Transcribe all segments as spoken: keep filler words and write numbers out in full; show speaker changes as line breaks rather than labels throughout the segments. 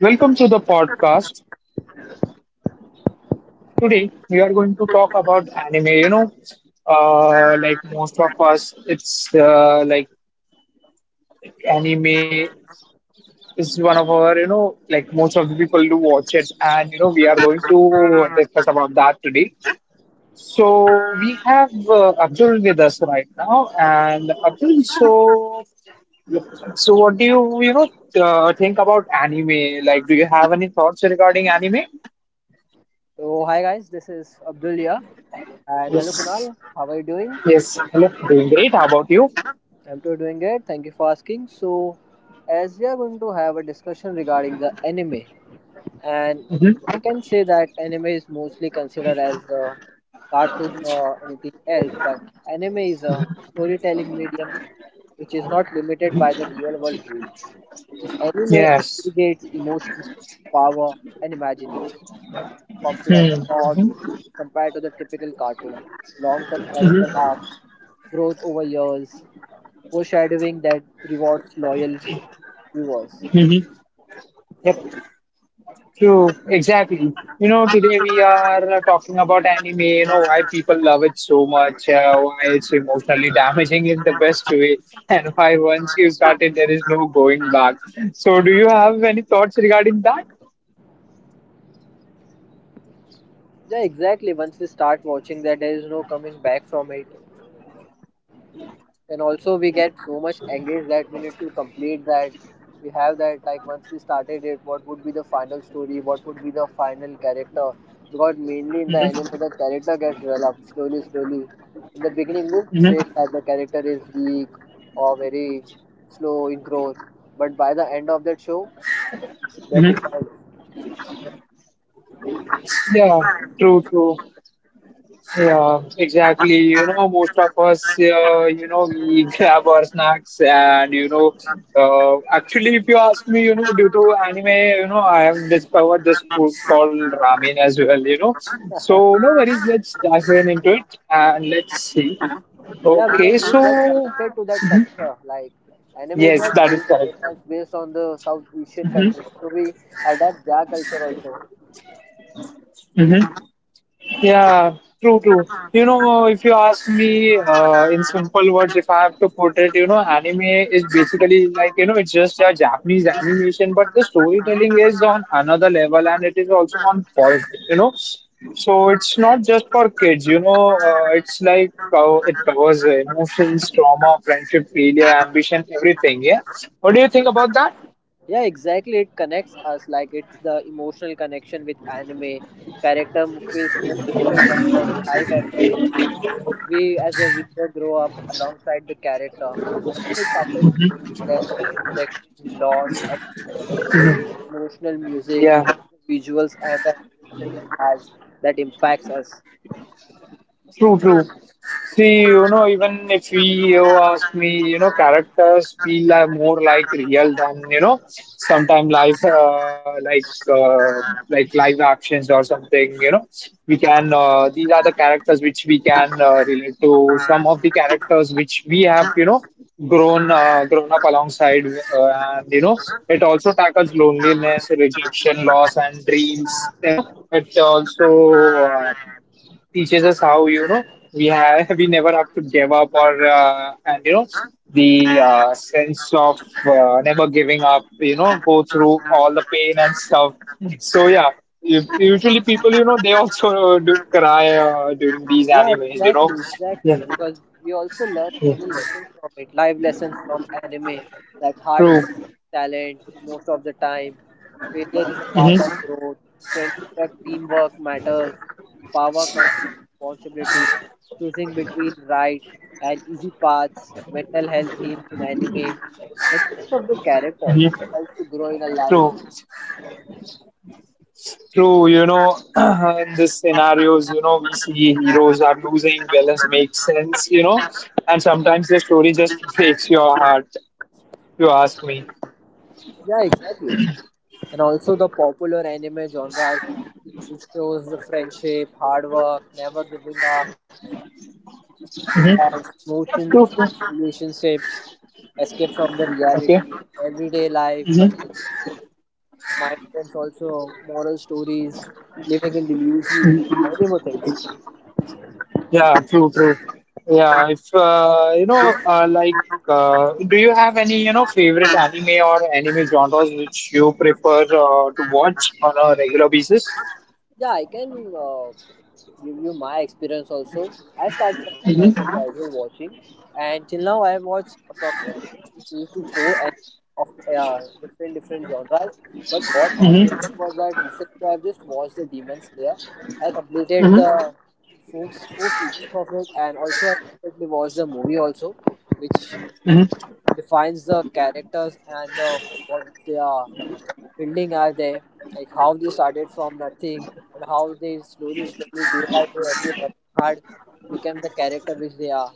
Welcome to the podcast. Today we are going to talk about anime. You know, uh, like most of us, it's uh, like anime is one of our, you know like most of the people do watch it, and you know we are going to discuss about that today. So we have uh, Abdul with us right now, and Abdul, so so what do you you know uh, think about anime? Like, do you have any thoughts regarding anime?
So hi guys, this is Abdul here and hello
Yes.
Kunal. How are you doing?
Yes. Hello. Doing great. How about you?
I'm too doing good. Thank you for asking. So as we are going to have a discussion regarding the anime and I
Hmm.
can say that anime is mostly considered as the cartoon or anything else, but anime is a storytelling medium which is not limited by the real world rules. Anime
Yes.
aggregates emotions, power and imagination, complex plots
Hmm.
compared to the typical cartoon, long term character
Hmm.
arcs, growth over years, foreshadowing that rewards loyal viewers.
Hmm. Yep. True. Exactly. You know, today we are uh, talking about anime. You know why people love it so much, uh, why it's emotionally damaging in the best way, and why once you started, there is no going back. So, do you have any thoughts regarding that?
Yeah, exactly. Once we start watching that, there is no coming back from it, and also we get so much engaged that we need to complete that. We have that, like once we started it, what would be the final story, what would be the final character, because mainly in the anime
Hmm.
the character gets developed slowly slowly. In the beginning we
Hmm.
say that the character is weak or very slow in growth, but by the end of that show that
Hmm.
defines.
Yeah. True. True. Yeah, exactly. You know, most of us, uh, you know, we grab our snacks, and you know, uh, actually, if you ask me, you know, due to anime, you know, I have discovered this food called ramen as well. You know, so no worries. Let's dive in into it and let's see.
Yeah, because
Okay,
we
so.
get connected to that
Mhm.
culture, like anime is
Yes,
not
that is
based on
correct.
America, it's based on the South Asian countries, so we adapt their culture also.
Hmm. Yeah, true, true. You know, if you ask me, uh, in simple words, if I have to put it, you know, anime is basically like, you know, it's just a Japanese animation, but the storytelling is on another level and it is also on point, you know. So it's not just for kids, you know, uh, it's like, uh, it covers uh, emotions, trauma, friendship, failure, ambition, everything. Yeah. What do you think about that?
Yeah, exactly. It connects us, like it's the emotional connection with anime character feels more real than the live action, something. We as a viewer grow up alongside the character. Anime tackles loneliness, rejection, loss, and dreams, emotional music,
Yeah.
visuals, and the animation it has, that impacts us.
True, true. See, you know, even if we you ask me, you know, characters feel like more like real than, you know, sometime live, uh, like uh, like live actions or something. You know, we can. Uh, these are the characters which we can uh, relate to. Some of the characters which we have, you know, grown uh, grown up alongside, uh, and you know, it also tackles loneliness, rejection, loss, and dreams. You know, it also uh, teaches us how, you know we have we never have to give up, or uh, and you know the uh, sense of uh, never giving up, you know go through all the pain and stuff. So yeah, u- usually people, you know they also do cry uh, during these
Yeah,
animes, you know
exactly,
yeah.
exactly. Because we also learn
Yeah.
many lessons from it, live lessons from anime. That hard
True.
work is talent, most of the time, failure is a part of
Hmm.
growth. Friendship and teamwork matters. Power comes with responsibility. Choosing between right and easy paths. Mental health themes in anime. And most of the character
Hmm.
helps to grow in a life.
True, true. you know in these scenarios, you know we see heroes are losing balance, makes sense, you know and sometimes the story just breaks your heart, you ask me.
Yeah, exactly. And also the popular anime genres, which shows the friendship, hard work, never giving up,
Hmm.
romance, emotions, relationships, escape from the reality,
Okay.
everyday life, but
Hmm.
mind games also, moral stories, living in delusion, many more things.
Yeah, true, true. Yeah, if uh, you know, uh, like, uh, do you have any, you know favorite anime or anime genres which you prefer uh, to watch on a regular basis?
Yeah, I can. Uh, give you my experience also. I started as a
Mm-hmm.
casual watching, and till now I have watched approximately three to four anime of uh, different different genres. But what my
Mm-hmm.
problem was that recently I've just watched the Demon Slayer. I completed the fourth four seasons of it, and also I recently watched the movie also, which
Mm-hmm.
defines the characters and the what they are building are there, like how they started from nothing and how they slowly, slowly, day by day, every working hard became the character which they are.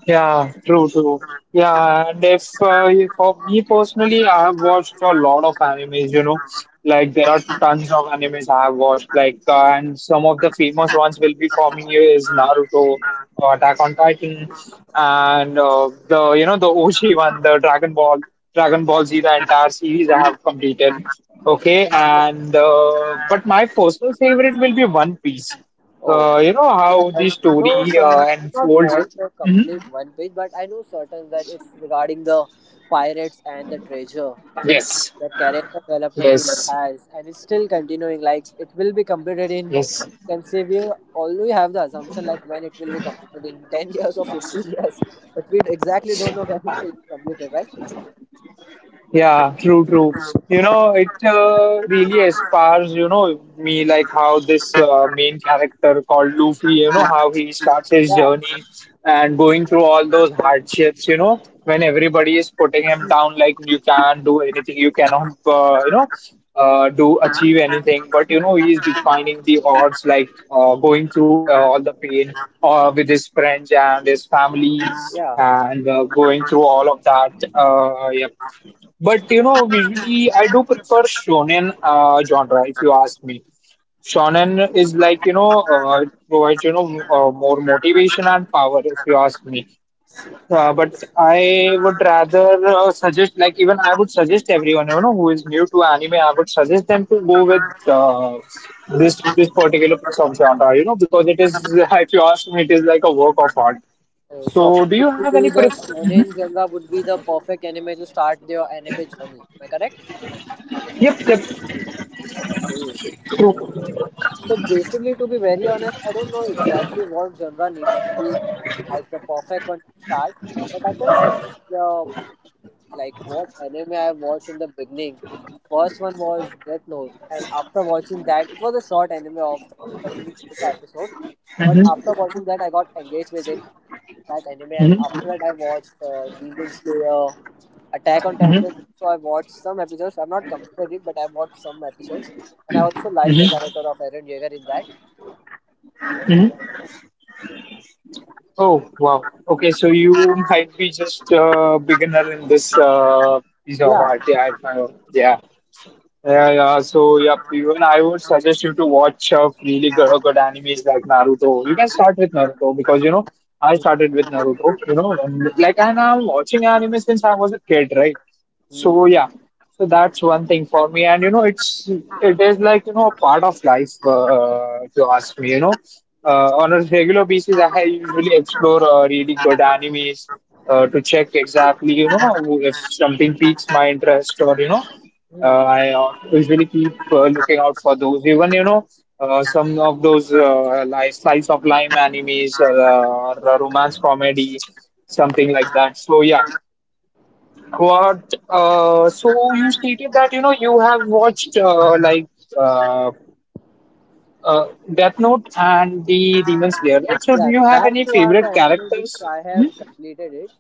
Yeah, true, true. Yeah, and if uh, if- for me personally, I have watched a lot of animes, you know, like there are tons of animes I have watched, like, uh, and some of the famous ones will be for me is Naruto, uh, Attack on Titan, and uh, the, you know, the O G one, the Dragon Ball, Dragon Ball Z, the entire series I have completed. Okay, and uh, but my personal favorite will be One Piece.
Oh,
Uh, you know
yeah,
how
I
the
know
story
some,
uh,
I not
unfolds.
watch the complete one page, but I know certain that it's regarding the pirates and the treasure.
Yes.
The character development it
Yes.
has, and it's still continuing. Like it will be completed in,
Yes.
you can say we already have the assumption like when it will be completed in ten years or fifteen years, but we exactly don't know when it will be completed, right?
Yeah, true, true. You know, it uh, really inspires, you know, me, like how this uh, main character called Luffy, you know, how he starts his
Yeah,
journey and going through all those hardships, you know, when everybody is putting him down, like you can't do anything, you cannot, uh, you know, uh, do achieve anything. But, you know, he is defining the odds, like uh, going through uh, all the pain, uh, with his friends and his family,
yeah.
and uh, going through all of that. Uh, yeah, but, you know, visually, I do prefer shonen uh, genre. If you ask me, shonen is like, you know, uh, it provides, you know uh, more motivation and power. If you ask me, uh, but I would rather uh, suggest, like, even I would suggest everyone, you know who is new to anime, I would suggest them to go with uh, this this particular piece of genre. You know, because it is, if you ask me, it is like a work of art.
Uh, So
So, do you
according
have
to
any
you, the
preference?
shonen genre would be the perfect anime to start their anime journey. Am I correct?
Yep, yep,
Yeah.
true.
So basically, to be very honest, I don't know exactly what genre needs to be as the perfect one to start, but I can suggest the like what anime I watched in the beginning. First one was Death Note, and after watching that, it was a short anime of thirty to thirty-five episodes. But after watching
Mm-hmm,
that, I got engaged with it, that anime, and after
mm-hmm,
that, I watched uh, Demon Slayer, Attack on Titan.
mm-hmm,
So I watched some episodes. I've not completed it, but I watched some episodes, and I also like the character of Eren Yeager in that.
mm-hmm. Oh, wow. Okay, so you might be just a beginner in this uh, piece of
Yeah.
art. Yeah, I, I- yeah. Yeah, yeah. So, yeah, even I would suggest you to watch uh, really good, good animes like Naruto. You can start with Naruto, because, you know I started with Naruto. You know, and, like and I'm watching anime since I was a kid, right?
Hmm.
So yeah, so that's one thing for me, and, you know, it's it is like, you know a part of life. Uh, if you ask me, you know, uh, on a regular basis, I usually explore uh, really good animes uh, to check exactly, you know, if something piques my interest, or you know
Hmm.
uh, I uh, usually keep uh, looking out for those. Even, you know, uh, some of those, uh, like slice of life animes, uh, or romance comedy, something like that. So yeah, what? Uh, so you stated that, you know you have watched uh, like uh, uh, Death Note and the Demon Slayer, right? So do
Yeah,
you have
that
any
two are the
favorite
anime which
characters?
I have completed it.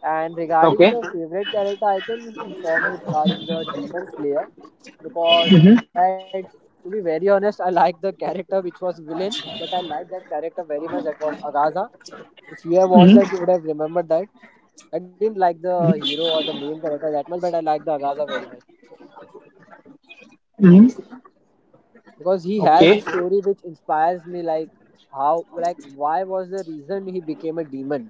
And regarding
Okay.
the favorite character, I can inform you regarding the Demon Slayer because I, to be very honest, I like the character which was villain, but I like that character very much. That was Agaza. If you have watched
Hmm.
that, you would have remembered that. I didn't like the hero or the main character that much, but I liked the Agaza very much
Hmm.
because he has the
Okay.
story which inspires me. Like how, like why was the reason he became a demon,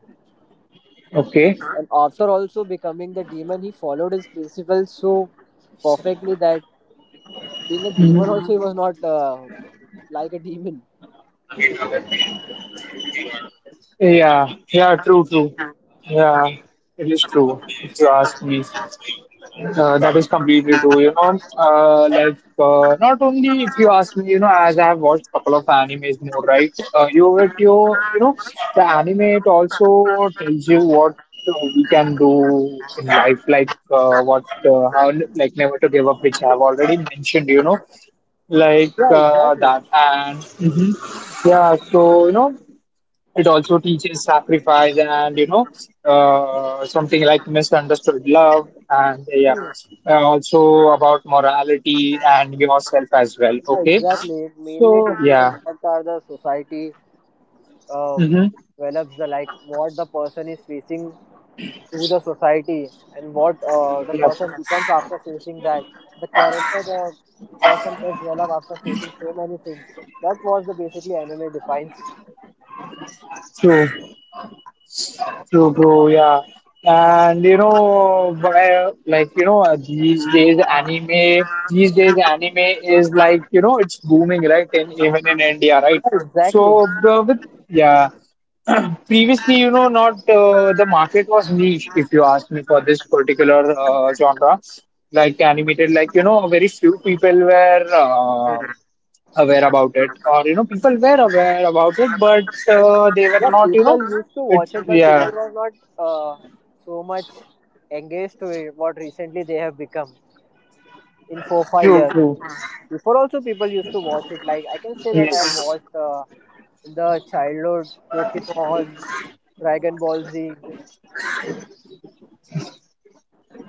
Okay.
and after also becoming the demon, he followed his principles so perfectly that being a demon also he was not uh, like a demon.
Yeah, yeah, true, true. Yeah, it is true. If you ask me, uh, that is completely true. You know, uh, like uh, not only, if you ask me, you know, as I have watched a couple of animes more, right? Uh, you it you you know, the anime, it also tells you what, uh, we can do in life, like, uh, what uh, how, like never to give up, which I have already mentioned. You know, like
Yeah,
uh,
exactly.
that and. Mhm. Yeah, so, you know, it also teaches sacrifice, and, you know uh, something like misunderstood love and yeah,
Hmm.
uh, also about morality and yourself as well.
Yeah,
Okay,
exactly. It mainly
so
teaches
yeah.
us what are the society uh,
Mm-hmm.
develops the like what the person is facing to the society and what uh, the
Yeah,
person becomes after facing that. The character the person gets developed after facing so many things. That was the basically anime defines.
true, true, bro, yeah. And, you know, by, like, you know, uh, these days anime, these days anime is like, you know it's booming, right? In, even in India, right?
Yeah, exactly.
So, uh, with, yeah. Previously, you know not, uh, the market was niche if you ask me, for this particular uh, genre, like animated, like, you know very few people were uh, aware about it, or, you know people were aware about it, but, uh, they were
Yeah,
not, you know
people used to
it,
watch it, but people
yeah.
were not uh, so much engaged to it. What recently they have become in four five
True,
years.
true.
Before also people used to watch it. Like I can say that I have
Yes.
watched uh, in the childhood Pokemon, Dragon Ball Z.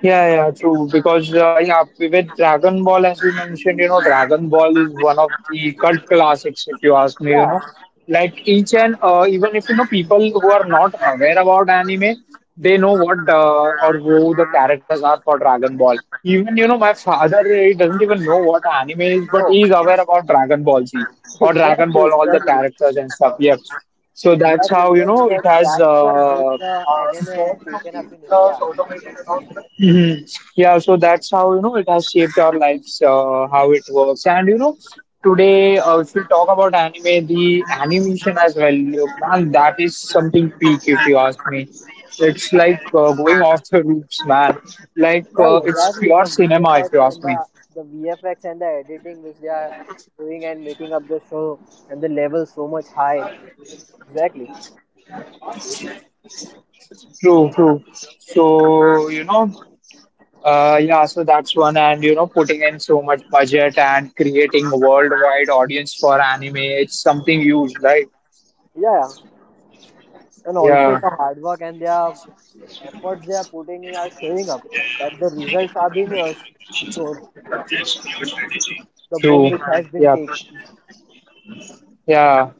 Yeah, yeah, true. Because uh, yeah, with Dragon Ball, as you mentioned, you know, Dragon Ball is one of the cult classics. If you ask me, you know,
Yeah,
like each and uh, even if you know people who are not aware about anime, they know what uh, or who the characters are for Dragon Ball. Even, you know, my father, he doesn't even know what anime is, but
oh,
he is aware about Dragon Ball Z or Dragon
exactly,
Ball, all the
exactly.
characters and stuff. Yep. So that's
Exactly,
how, you
because
know
that,
it has.
that's the way
Uh,
the anime has taken up in India.
hmm. Yeah, so that's how you know it has shaped our lives, uh, how it works, and, you know today, uh, if we talk about anime, the animation as well, you know, man, that is something peak if you ask me. It's like, uh, going off the roofs, man. Like,
Yeah,
uh, it's
exactly.
pure
The
cinema if
V F X
you
and
ask me.
the the V F X and the editing which they are doing and making up the show and the level so much high. Exactly.
True, true. So, you know, uh, yeah, so that's one, and, you know, putting in so much budget and creating worldwide audience for anime, it's something huge, right?
Yeah, yeah. And also
Yeah.
the hard work and their efforts they are putting in are showing up. That the results are being uh, shown. The boom
True.
which has been
Yeah.
taken.
Yeah.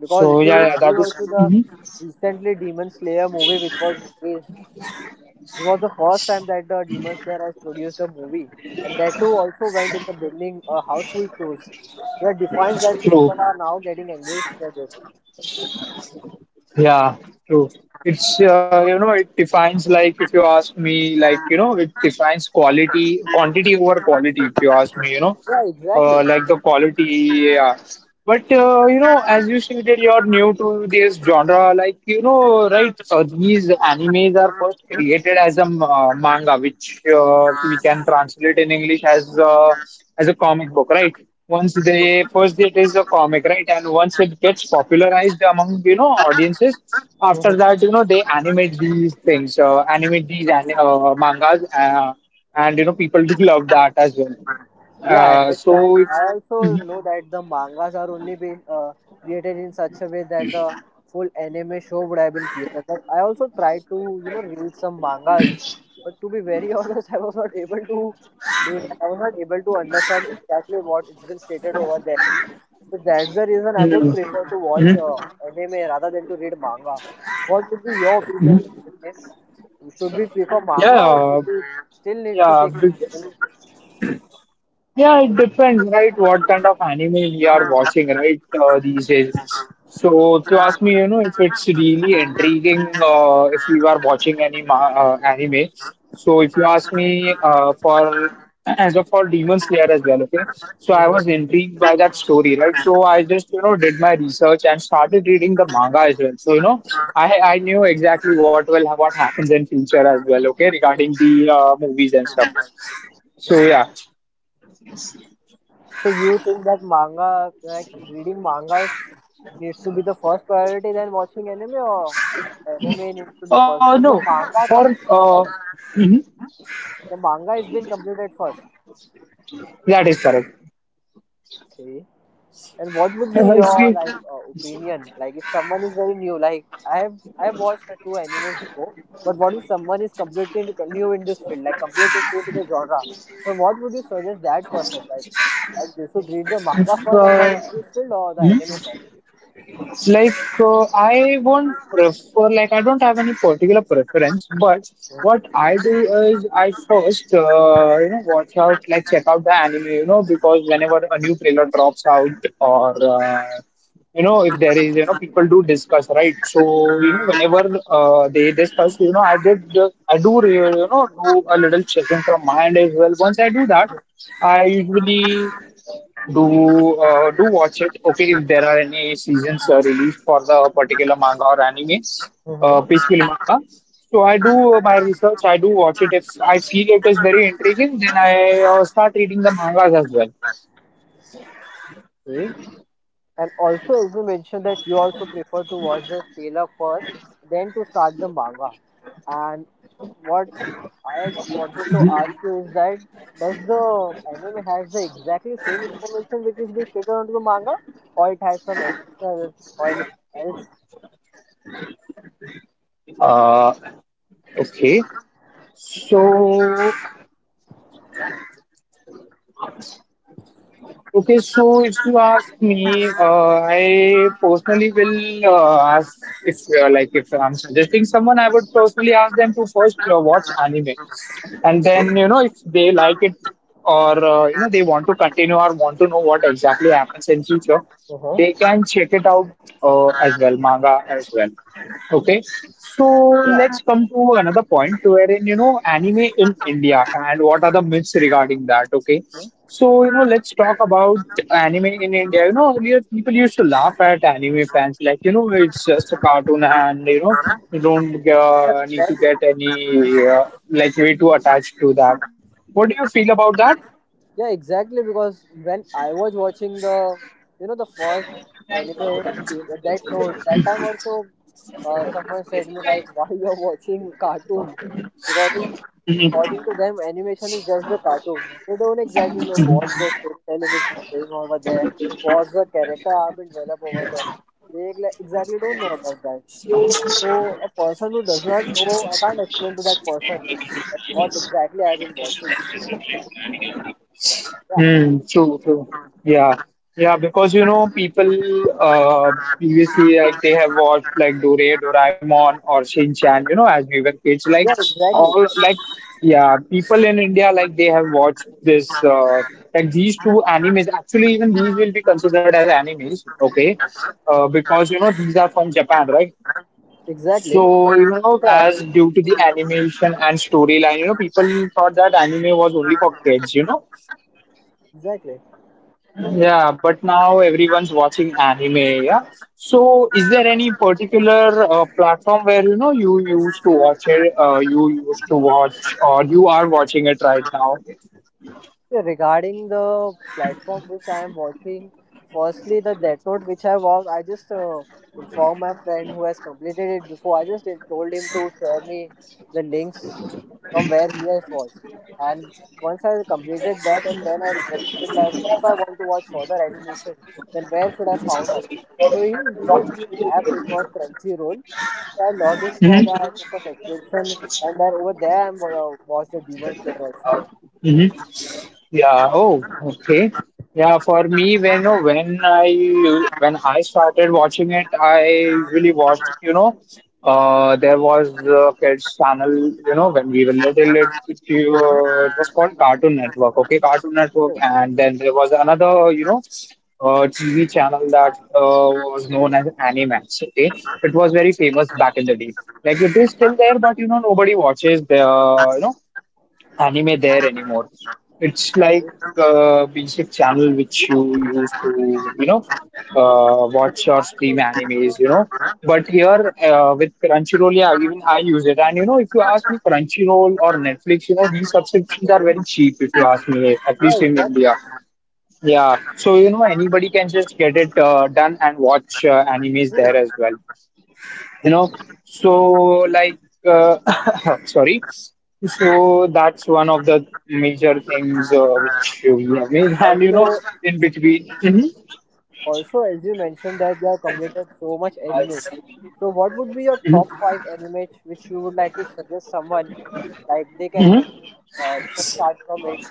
Because
So
if you
yeah, yeah,
just see
that
also
is
the recently Demon Slayer movie which was released, this was the first time that the Demon Slayer has produced a movie, and that too also went in the building uh, household shows, where defines that people
true.
are now getting engaged with it.
Yeah, true. It's uh, you know it defines, like, if you ask me, like, you know it defines quality quantity over quality, if you ask me, you know
Yeah, exactly.
uh, like the quality. Yeah. But uh, you know, as you stated, you're new to this genre. Like, you know, right? Uh, these animes are first created as a m- uh, manga, which uh, we can translate in English as uh, as a comic book, right? Once they first it is a comic, right? And once it gets popularized among, you know audiences, after that, you know they animate these things, uh, animate these an- uh, mangas, uh, and, you know people do love that as well.
Yeah, I
Uh,
understand.
so it's.
I also know that the mangas are only be uh, created in such a way that the full anime show would have been created. But I also tried to, you know, read some mangas, but to be very honest, I was not able to do it. I was not able to understand exactly what it's been stated over there. So that's the reason I would prefer to watch
Mhm.
uh, anime rather than to read manga. What would be your opinion? Yes, should we prefer manga or
Yeah,
should we still need to
yeah.
stick to
be-
anime?
Yeah, it depends,
Mhm.
right? What kind of anime we are watching, right? Uh, these days. So, if you ask me, you know, if it's really intriguing, uh, if you are watching any ma uh, anime. So, if you ask me, uh, for as of for Demon Slayer as well, okay. So, I was intrigued by that story, right? So, I just, you know, did my research and started reading the manga as well. So, you know, I I knew exactly what will what happens in future as well, okay, regarding the uh, movies and stuff. So, yeah.
So you think that manga, like reading mangas, needs to be the first priority than watching anime, or anime needs to be first
Uh,
because the
no,
manga
for
comes first,
uh,
right?
mhm,
The manga is being completed first.
that is correct.
Okay. And what would be
Uh,
your
if we,
like uh, opinion? Like if someone is very new, like I have I have watched uh, two animes before, but what if someone is completely new in this field, like completely new to the genre? So what would you suggest that person? Like like they should read the manga
if,
first and get
uh,
into this field or the
hmm?
anime first?
Like, uh, I won't prefer, like, I don't have any particular preference, but what I do is I first, uh, you know, watch out, like, check out the anime, you know, because whenever a new trailer drops out or, uh, you know, if there is, you know, people do discuss, right? So, you know, whenever uh, they discuss, you know, I did, uh, I do, re- you know, do a little checking from my end as well. Once I do that, I usually do uh, do watch it. Okay, if there are any seasons uh, released for the particular manga or anime, uh,
Mm-hmm.
basically manga. So I do uh, my research. I do watch it. If I feel it is very intriguing, then I uh, start reading the mangas as well.
Okay. And also, as you mentioned that you also prefer to watch the trailer first, then to start the manga. And what I just wanted to ask you is that does the anime has the exactly same information which is being stated onto the manga, or it has some additional or anything else?
Uh, okay. So Okay, so if you ask me, uh, I personally will uh, ask if uh, like if I'm suggesting someone, I would personally ask them to first uh, watch anime, and
To it?
then you know if they like it or uh, you know they want to continue or want to know what exactly happens in future,
Uh-huh.
they can check it out uh, as well, manga as well. Okay, so
Yeah.
let's come to another point wherein you know anime in India and what are the myths regarding that. Okay,
Mhm.
so, you know, let's talk about anime in India. You know, earlier people used to laugh at anime fans, like, you know, it's just a cartoon and, you know, you don't uh, need to
Exactly.
get any, uh, like, way too attached to that. What do you feel about that?
Yeah, exactly. Because when I was watching the, you know, the first anime the- that no, that time also, uh, someone said me like, why you're watching cartoon? Because according to them, animation is just the cartoon. They don't exactly know what the storytelling is going on over there, what the character are being developed over there. They ex- exactly don't know about that. So a person who does not know, I can't explain to that person that what exactly I've been watching. Yeah,
Mm, true, true. Yeah. Yeah, because you know, people uh previously like they have watched like Dore, Doraemon or Shin Chan, you know, as we were kids, like
yeah, exactly.
all like yeah, people in India like they have watched this uh like these two animes. Actually, even these will be considered as animes, okay? Uh because you know these are from Japan, right?
Exactly. But
So even though
yeah, I mean,
as due to the animation and storyline, you know, people thought that anime was only for kids, you know
exactly.
yeah, but now everyone's watching anime. Yeah. So, is there any particular uh, platform where you know you used to watch it? Uh, you used to watch, or you are watching it right now?
Yeah, regarding the platform which I am watching, firstly the Death Note which I watched, I just uh, informed my friend who has completed it before. I just told him to share me the links from where he has watched. And once I completed that, and then I requested him like if I want to watch further animation, then where should I found out? So he introduced me an app which was Crunchyroll. So I logged in over that, I took a subscription, and then over there I am uh, watched the Demon Slayer also.
Yeah. Oh, okay. Yeah, for me, when oh, when I u- when I started watching it, I usually watched. You know, uh, there was a kids channel. You know, when we were little, it it, uh, it was called Cartoon Network. Okay, Cartoon
So,
Network, and then there was another. You know, uh, T V channel that uh, was known as Animax. Okay, it was very famous back in the day. Like it is still there, but you know, nobody watches the. You know anime there anymore. It's like a basic channel which you use to, you know, uh, watch or stream animes, you know. But here uh, with Crunchyroll, yeah, even I use it. And, you know, if you ask me, Crunchyroll or Netflix, you know, these subscriptions are very cheap if you ask me, at
yeah,
least in
exactly.
India. Yeah. So, you know, anybody can just get it uh, done and watch uh, animes
Hmm.
there as well you know so like uh, sorry so that's one of the major things uh, which we have made
And
and you know
also,
in between. Mhm.
also as you mentioned that you have completed so much anime, so what would be your
Mhm.
top five anime which you would like to suggest someone like they can be
Mhm.
uh, they can start from it,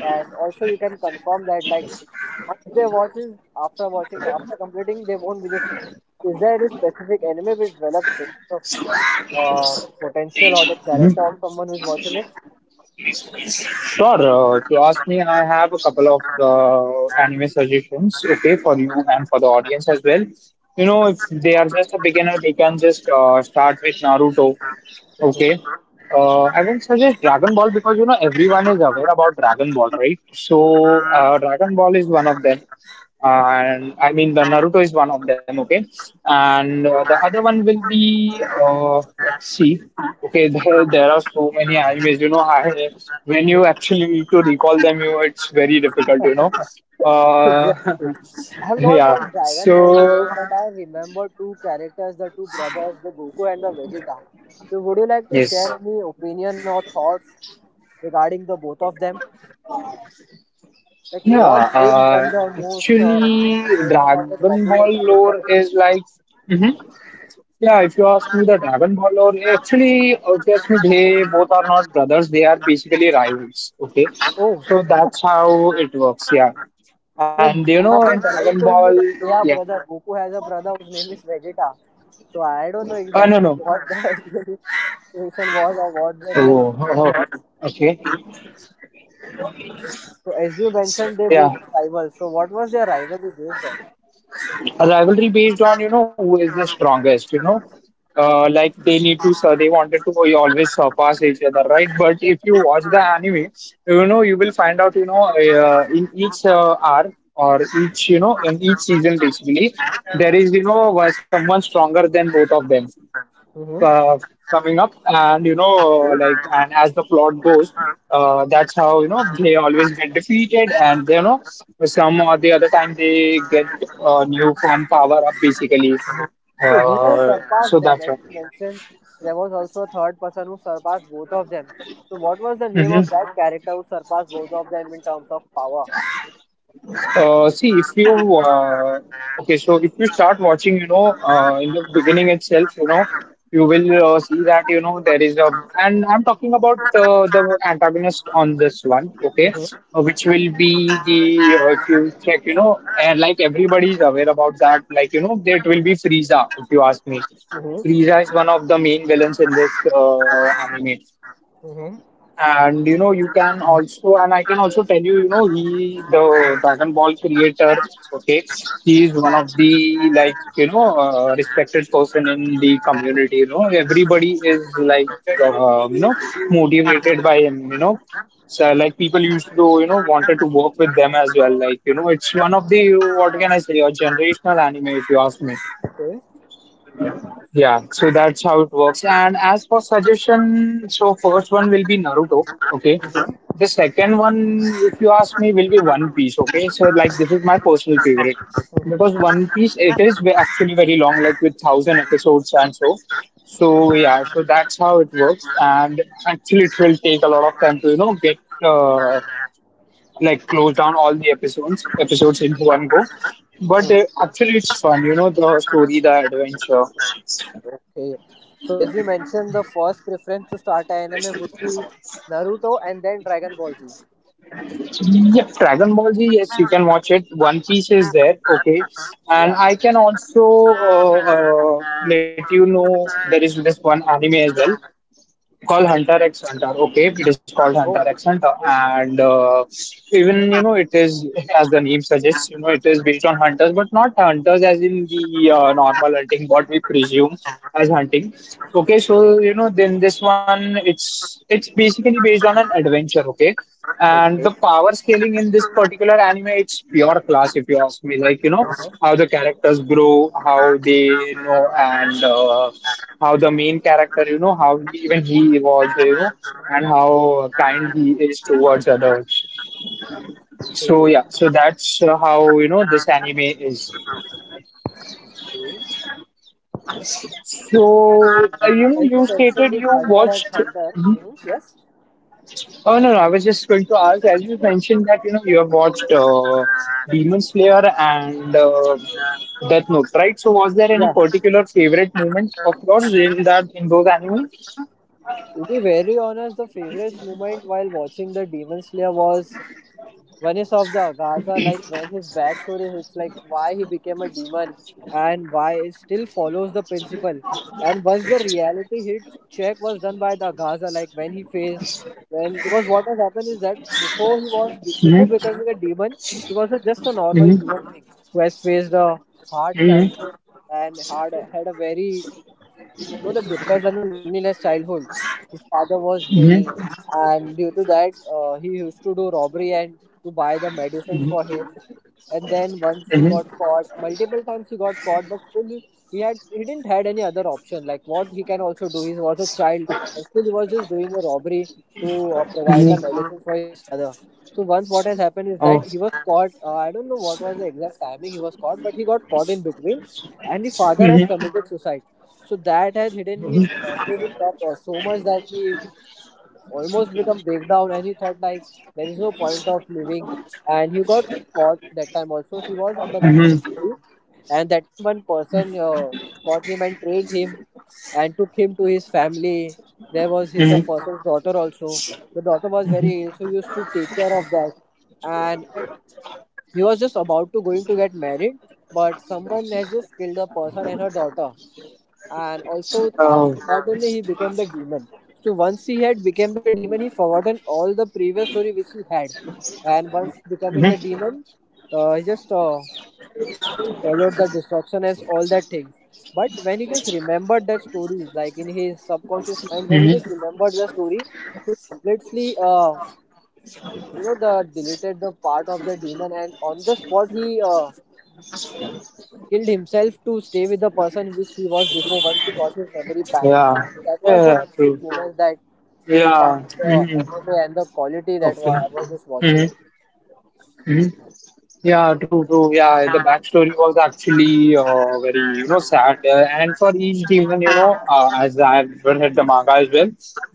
and also you can confirm that like once they watch is after watching after completing they won't be the same. Is there any specific anime which develops so much of uh, potential or the character
Mhm.
of someone who's watching it?
Sure. Uh, to ask me, I have a couple of uh, anime suggestions, okay, for you and for the audience as well. You know, if they are just a beginner, they can just uh, start with Naruto. Okay.
Mhm.
Uh, I would suggest Dragon Ball because you know everyone is aware about Dragon Ball, right? So uh, Dragon Ball is one of them, and I mean the Naruto is one of them. Okay, and uh, the other one will be uh, let's see. Okay, there, there are so many animes. You know, I, when you actually need to recall them, you it's very difficult. You know.
Exactly.
Uh,
I have not
yeah.
watched Dragon Ball Z
So
yet, but I remember two characters, the two brothers, the Goku and the Vegeta. So would you like to
yes.
share any opinion or thoughts regarding the both of them? Like
Yeah,
what makes
uh,
them the most uh,
actually,
famous or the
Dragon Ball
popular
lore is
character?
like, hmm yeah, if you ask me, the Dragon Ball lore, actually, if you ask me, they both are not brothers, they are basically rivals, okay?
Oh,
So that's how it works, yeah.
so one of
And you
my
know, in
friend
Dragon
told me that
Ball,
they are
yeah,
brother. Goku has a brother whose name is Vegeta. So I don't know
uh, no,
exactly
no,
what the real situation was or what the real
oh, oh,
connection
oh,
was.
okay,
So as you mentioned, they
yeah,
both were rivals. So what was their rivalry based on?
a rivalry based on you know who is the strongest you know uh, like they need to so they wanted to always surpass each other right but if you watch the anime you know you will find out you know uh, in each uh, arc or each you know in each season basically there is you know one- someone stronger than both of them
Mm-hmm.
uh, coming up and you know like and as the plot goes uh, that's how you know they always get defeated and you know some or the other time they get uh, new form power up basically
So who has
uh,
surpassed
so
them?
that's
As
all.
you mentioned, there was also a third person who surpassed both of them. So what was the name of
Mm-hmm.
that character who surpassed both of them in terms of power?
Uh, see, if you uh, okay, so if you start watching, you know, uh, in the beginning itself, you know, you will uh, see that you know there is a, and I'm talking about uh, the antagonist on this one, okay, uh,
Mm-hmm.
which will be the uh, if you check, you know, and like everybody is aware about that, like you know, that will be Frieza, if you ask me.
Mm-hmm.
Frieza is one of the main villains in this uh, anime.
Mm-hmm.
And you know, you can also, and I can also tell you, you know, he, the Dragon Ball creator, okay, he is one of the like, you know, uh, respected person in the community. You know, everybody is like, uh, you know, motivated by him. You know, so like people used to, you know, wanted to work with them as well. Like, you know, it's one of the what can I say, a generational anime, if you ask me.
Okay.
Yeah, so that's how it works. And as for suggestion, so first one will be Naruto. Okay. The second one, if you ask me, will be One Piece. Okay. So like this is my personal favorite because One Piece it is ve- actually very long, like with thousand episodes and so. So yeah, so that's how it works. And actually, it will take a lot of time to you know get uh, like close down all the episodes episodes in one go. But uh,
Mm-hmm.
actually, it's fun. You know the story, the adventure.
Okay. So as you mentioned, the first preference to start a anime would be Naruto and then Dragon Ball Z.
Yeah, Dragon Ball Z, yes, you can watch it. One Piece is there, okay. And
Yeah.
I can also uh, uh, let you know there is this one anime as well call
Hmm.
hunter x hunter okay it is called hunter
Oh.
x hunter and uh, even you know it is as the name suggests you know it is based on hunters but not hunters as in the uh, normal hunting what we presume as hunting okay so you know then this one it's it's basically based on an adventure okay and
Okay.
the power scaling in this
Uh-huh.
particular anime it's pure class if you ask me like you know how the characters grow how they you
Mhm.
know and uh, how the main character, you know, how he, even he evolves, you know, and how kind he is towards others. So
Okay.
yeah, so that's uh, how you know this anime is.
Okay.
So uh,
And
you know,
as you
you
mentioned,
stated
this
you
Hunter x
watched.
Hunter. Hmm. Yes.
Oh no, no, I was just going to ask. As you mentioned that you know you have watched uh, Demon Slayer and uh, Death Note, right? So was there any
Yeah.
particular favorite moment of yours in that in those anime?
To be very honest, the favorite moment while watching the Demon Slayer was Venice of the Agaza, like when his backstory hits, like why he became a demon and why it still follows the principle. And once the reality hit check was done by the Agaza, like when he faced when because what has happened is that before he was before
Mm-hmm.
becoming a demon, he was a, just a normal human
Mm-hmm.
being who has faced a hard childhood and hard had a very you know, the depressed and the loneliness childhood. His father was ill,
Mm-hmm.
and due to that, uh, he used to do robbery and to buy the medicines for him, and then once he got
Mm-hmm.
caught, multiple times he got caught, but still he he had, he didn't had any other option, like what he can also do, he was a child, and still he was just doing a robbery to uh, provide a medicine for his father. So once what has happened is that
Oh.
he was caught, uh, I don't know what was the exact timing he was caught, but he got caught in between, and the father has committed suicide. So that had hidden him, uh, hidden him up, uh, so much that he almost become breakdown, and he thought like there is no point of living, and he got caught that time also he was under the
Mm-hmm.
judiciary. And that time one person uh, caught him and trained him and took him to his family. There was his the
Mm-hmm.
person's daughter also. The daughter was very ill, so he used to take care of that, and he was just about to going to get married, but someone has just killed the person and her daughter, and also after
Oh.
that only he became the demon. So once he had become the demon, he forgotten all the previous story which he had, and once becoming the
Mm-hmm.
demon, uh, he just uh, followed the destruction and all that things. But when he just remembered that story, like in his subconscious mind, when he
Mm-hmm.
just remembered the story, he completely uh, you know, the deleted the part of the demon, and on the spot he uh, killed himself to stay with the person which he was before once he got his memory back.
Yeah.
That was the
Yeah,
favorite
true.
moment that
Yeah.
defined the
Mm-hmm.
M M A and the quality that
Okay.
wa- I was just
Mm-hmm.
watching.
Mm-hmm. Yeah, true, true. Yeah, the backstory was actually uh, very, you know, sad. Uh, and for each demon, you know, uh, as I've read the manga as well,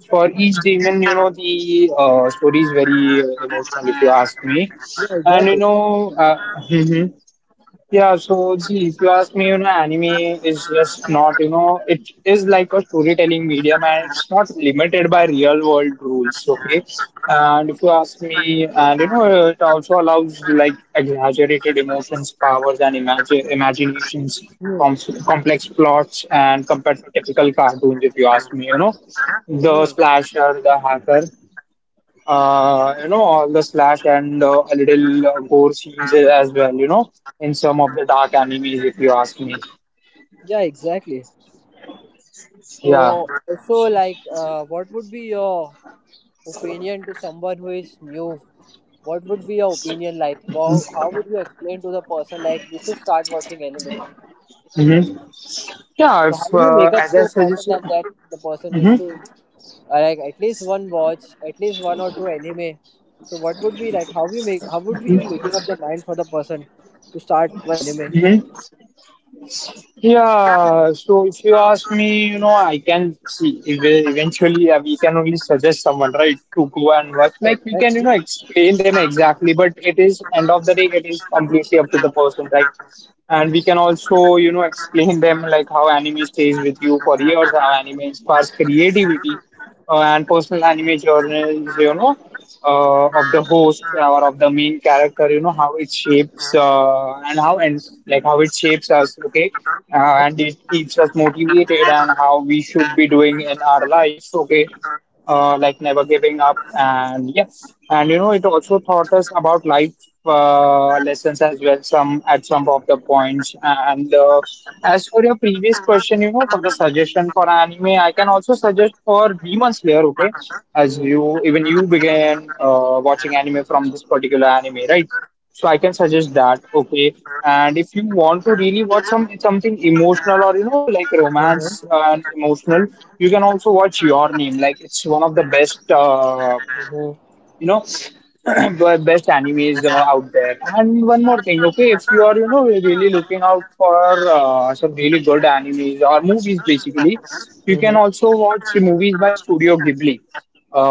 for each demon, you know, the uh, story is very uh, emotional, if you ask
Yeah,
me.
exactly.
And you know, uh, yeah, so see, if you ask me, you know, anime is just not, you know, it is like a storytelling medium and it's not limited by real world rules, okay? And if you ask me, and you know, it also allows like exaggerated emotions, powers, and imagine imaginations,
Hmm.
com- complex plots, and compared to typical cartoons, if you ask me, you know, the
Hmm.
slasher, the hacker uh, you know, all the slash and uh, a little uh, gore scenes as well, you know, in some of the dark animes, if you ask me.
Yeah, exactly.
Yeah.
So, so like, uh, what would be your opinion to someone who is new? What would be your opinion like? Wow, how would you explain to the person like, you should start watching anime?
hmm Yeah,
So how
if,
do you make
uh,
up
as
to
I
a person
suggested.
that, that the person used to
hmm
uh, like at least one watch, at least one or two anime? So what would be like how you make how would be you making up the mind for the person to start one anime?
hmm Yeah, so if you ask me, you know, I can see ev- eventually uh, we can only suggest someone, right, to go and watch.
Oh,
Like, we can, you know,
exactly.
explain them exactly, but it is, end of the day, it is completely up to the person, right? And we can also you know explain them like how anime stays with you for years how anime inspires creativity uh, and personal anime journeys you know uh, of the host or of the main character you know how it shapes uh, and how and like how it shapes us okay uh, and it keeps us motivated and how we should be doing in our life okay uh, like never giving up and yes and you know it also taught us about life uh, lessons as well some at some of the points and uh, as for your previous question you know for the suggestion for anime I can also suggest for demon slayer okay as
Mhm.
you even you began uh, watching anime from this particular anime right so I can suggest that okay and if you want to really watch some something emotional or you know like
Mhm.
romance and emotional you can also watch your name like it's one of the best uh,
Mhm.
you know the best animes uh, out there and one more thing okay if you are you know really looking out for uh, some really good animes or movies basically you
Mhm.
can also watch movies by studio ghibli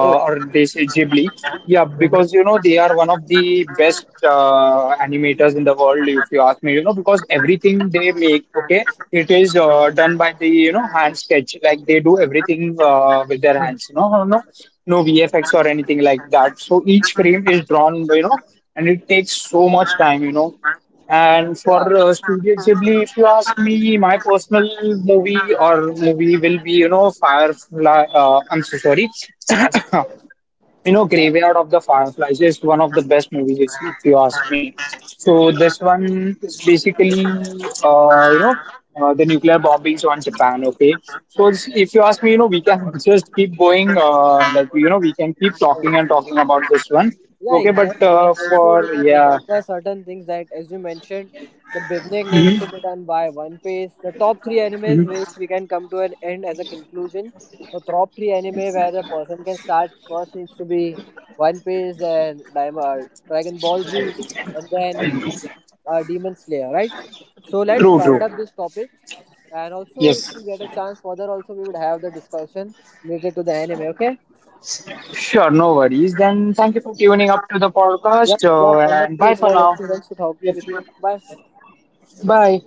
Oh.
or they say ghibli yeah
Mhm.
because you know they are one of the best uh, animators in the world if you ask me you know because everything they make okay it is uh, done by the you know hand sketch like they do everything uh, with their hands you know, you know no V F X or anything like that. So each frame is drawn, you know, and it takes so much time, you know. And for
Yeah.
uh, Studio Ghibli, if you ask me, my personal movie or movie will be, you know, Firefly. Uh, I'm so sorry. You know, Graveyard of the Fireflies is one of the best movies, if if you ask me. So this one is basically, uh, you know, uh, the nuclear bombings on Japan. Okay, so it's- if you ask me, you know, we can just keep going. Uh, like you know, we can keep
So
talking and talking about this one.
yeah,
Okay, but
exactly. And
uh,
also, we
for
can
yeah,
remember certain things that, as you mentioned, the beginning needs
Mhm,
to be done by One Piece. The top three animes, which
mhm.
we can come to an end as a conclusion. The top three anime where a person can start first needs to be One Piece and Diamond, Dragon Ball Z, and then uh, Demon Slayer, right? So let's
True, true.
wind up this topic. And also, if
Yes,
we get a chance further, also we would have the discussion related to the anime. Okay?
sure, no worries. Then thank you for tuning up to the podcast,
Yep. Yep.
uh, and
Wonderful.
bye
It
for
was
now.
experience to talk
Yep.
with you. Bye.
Bye.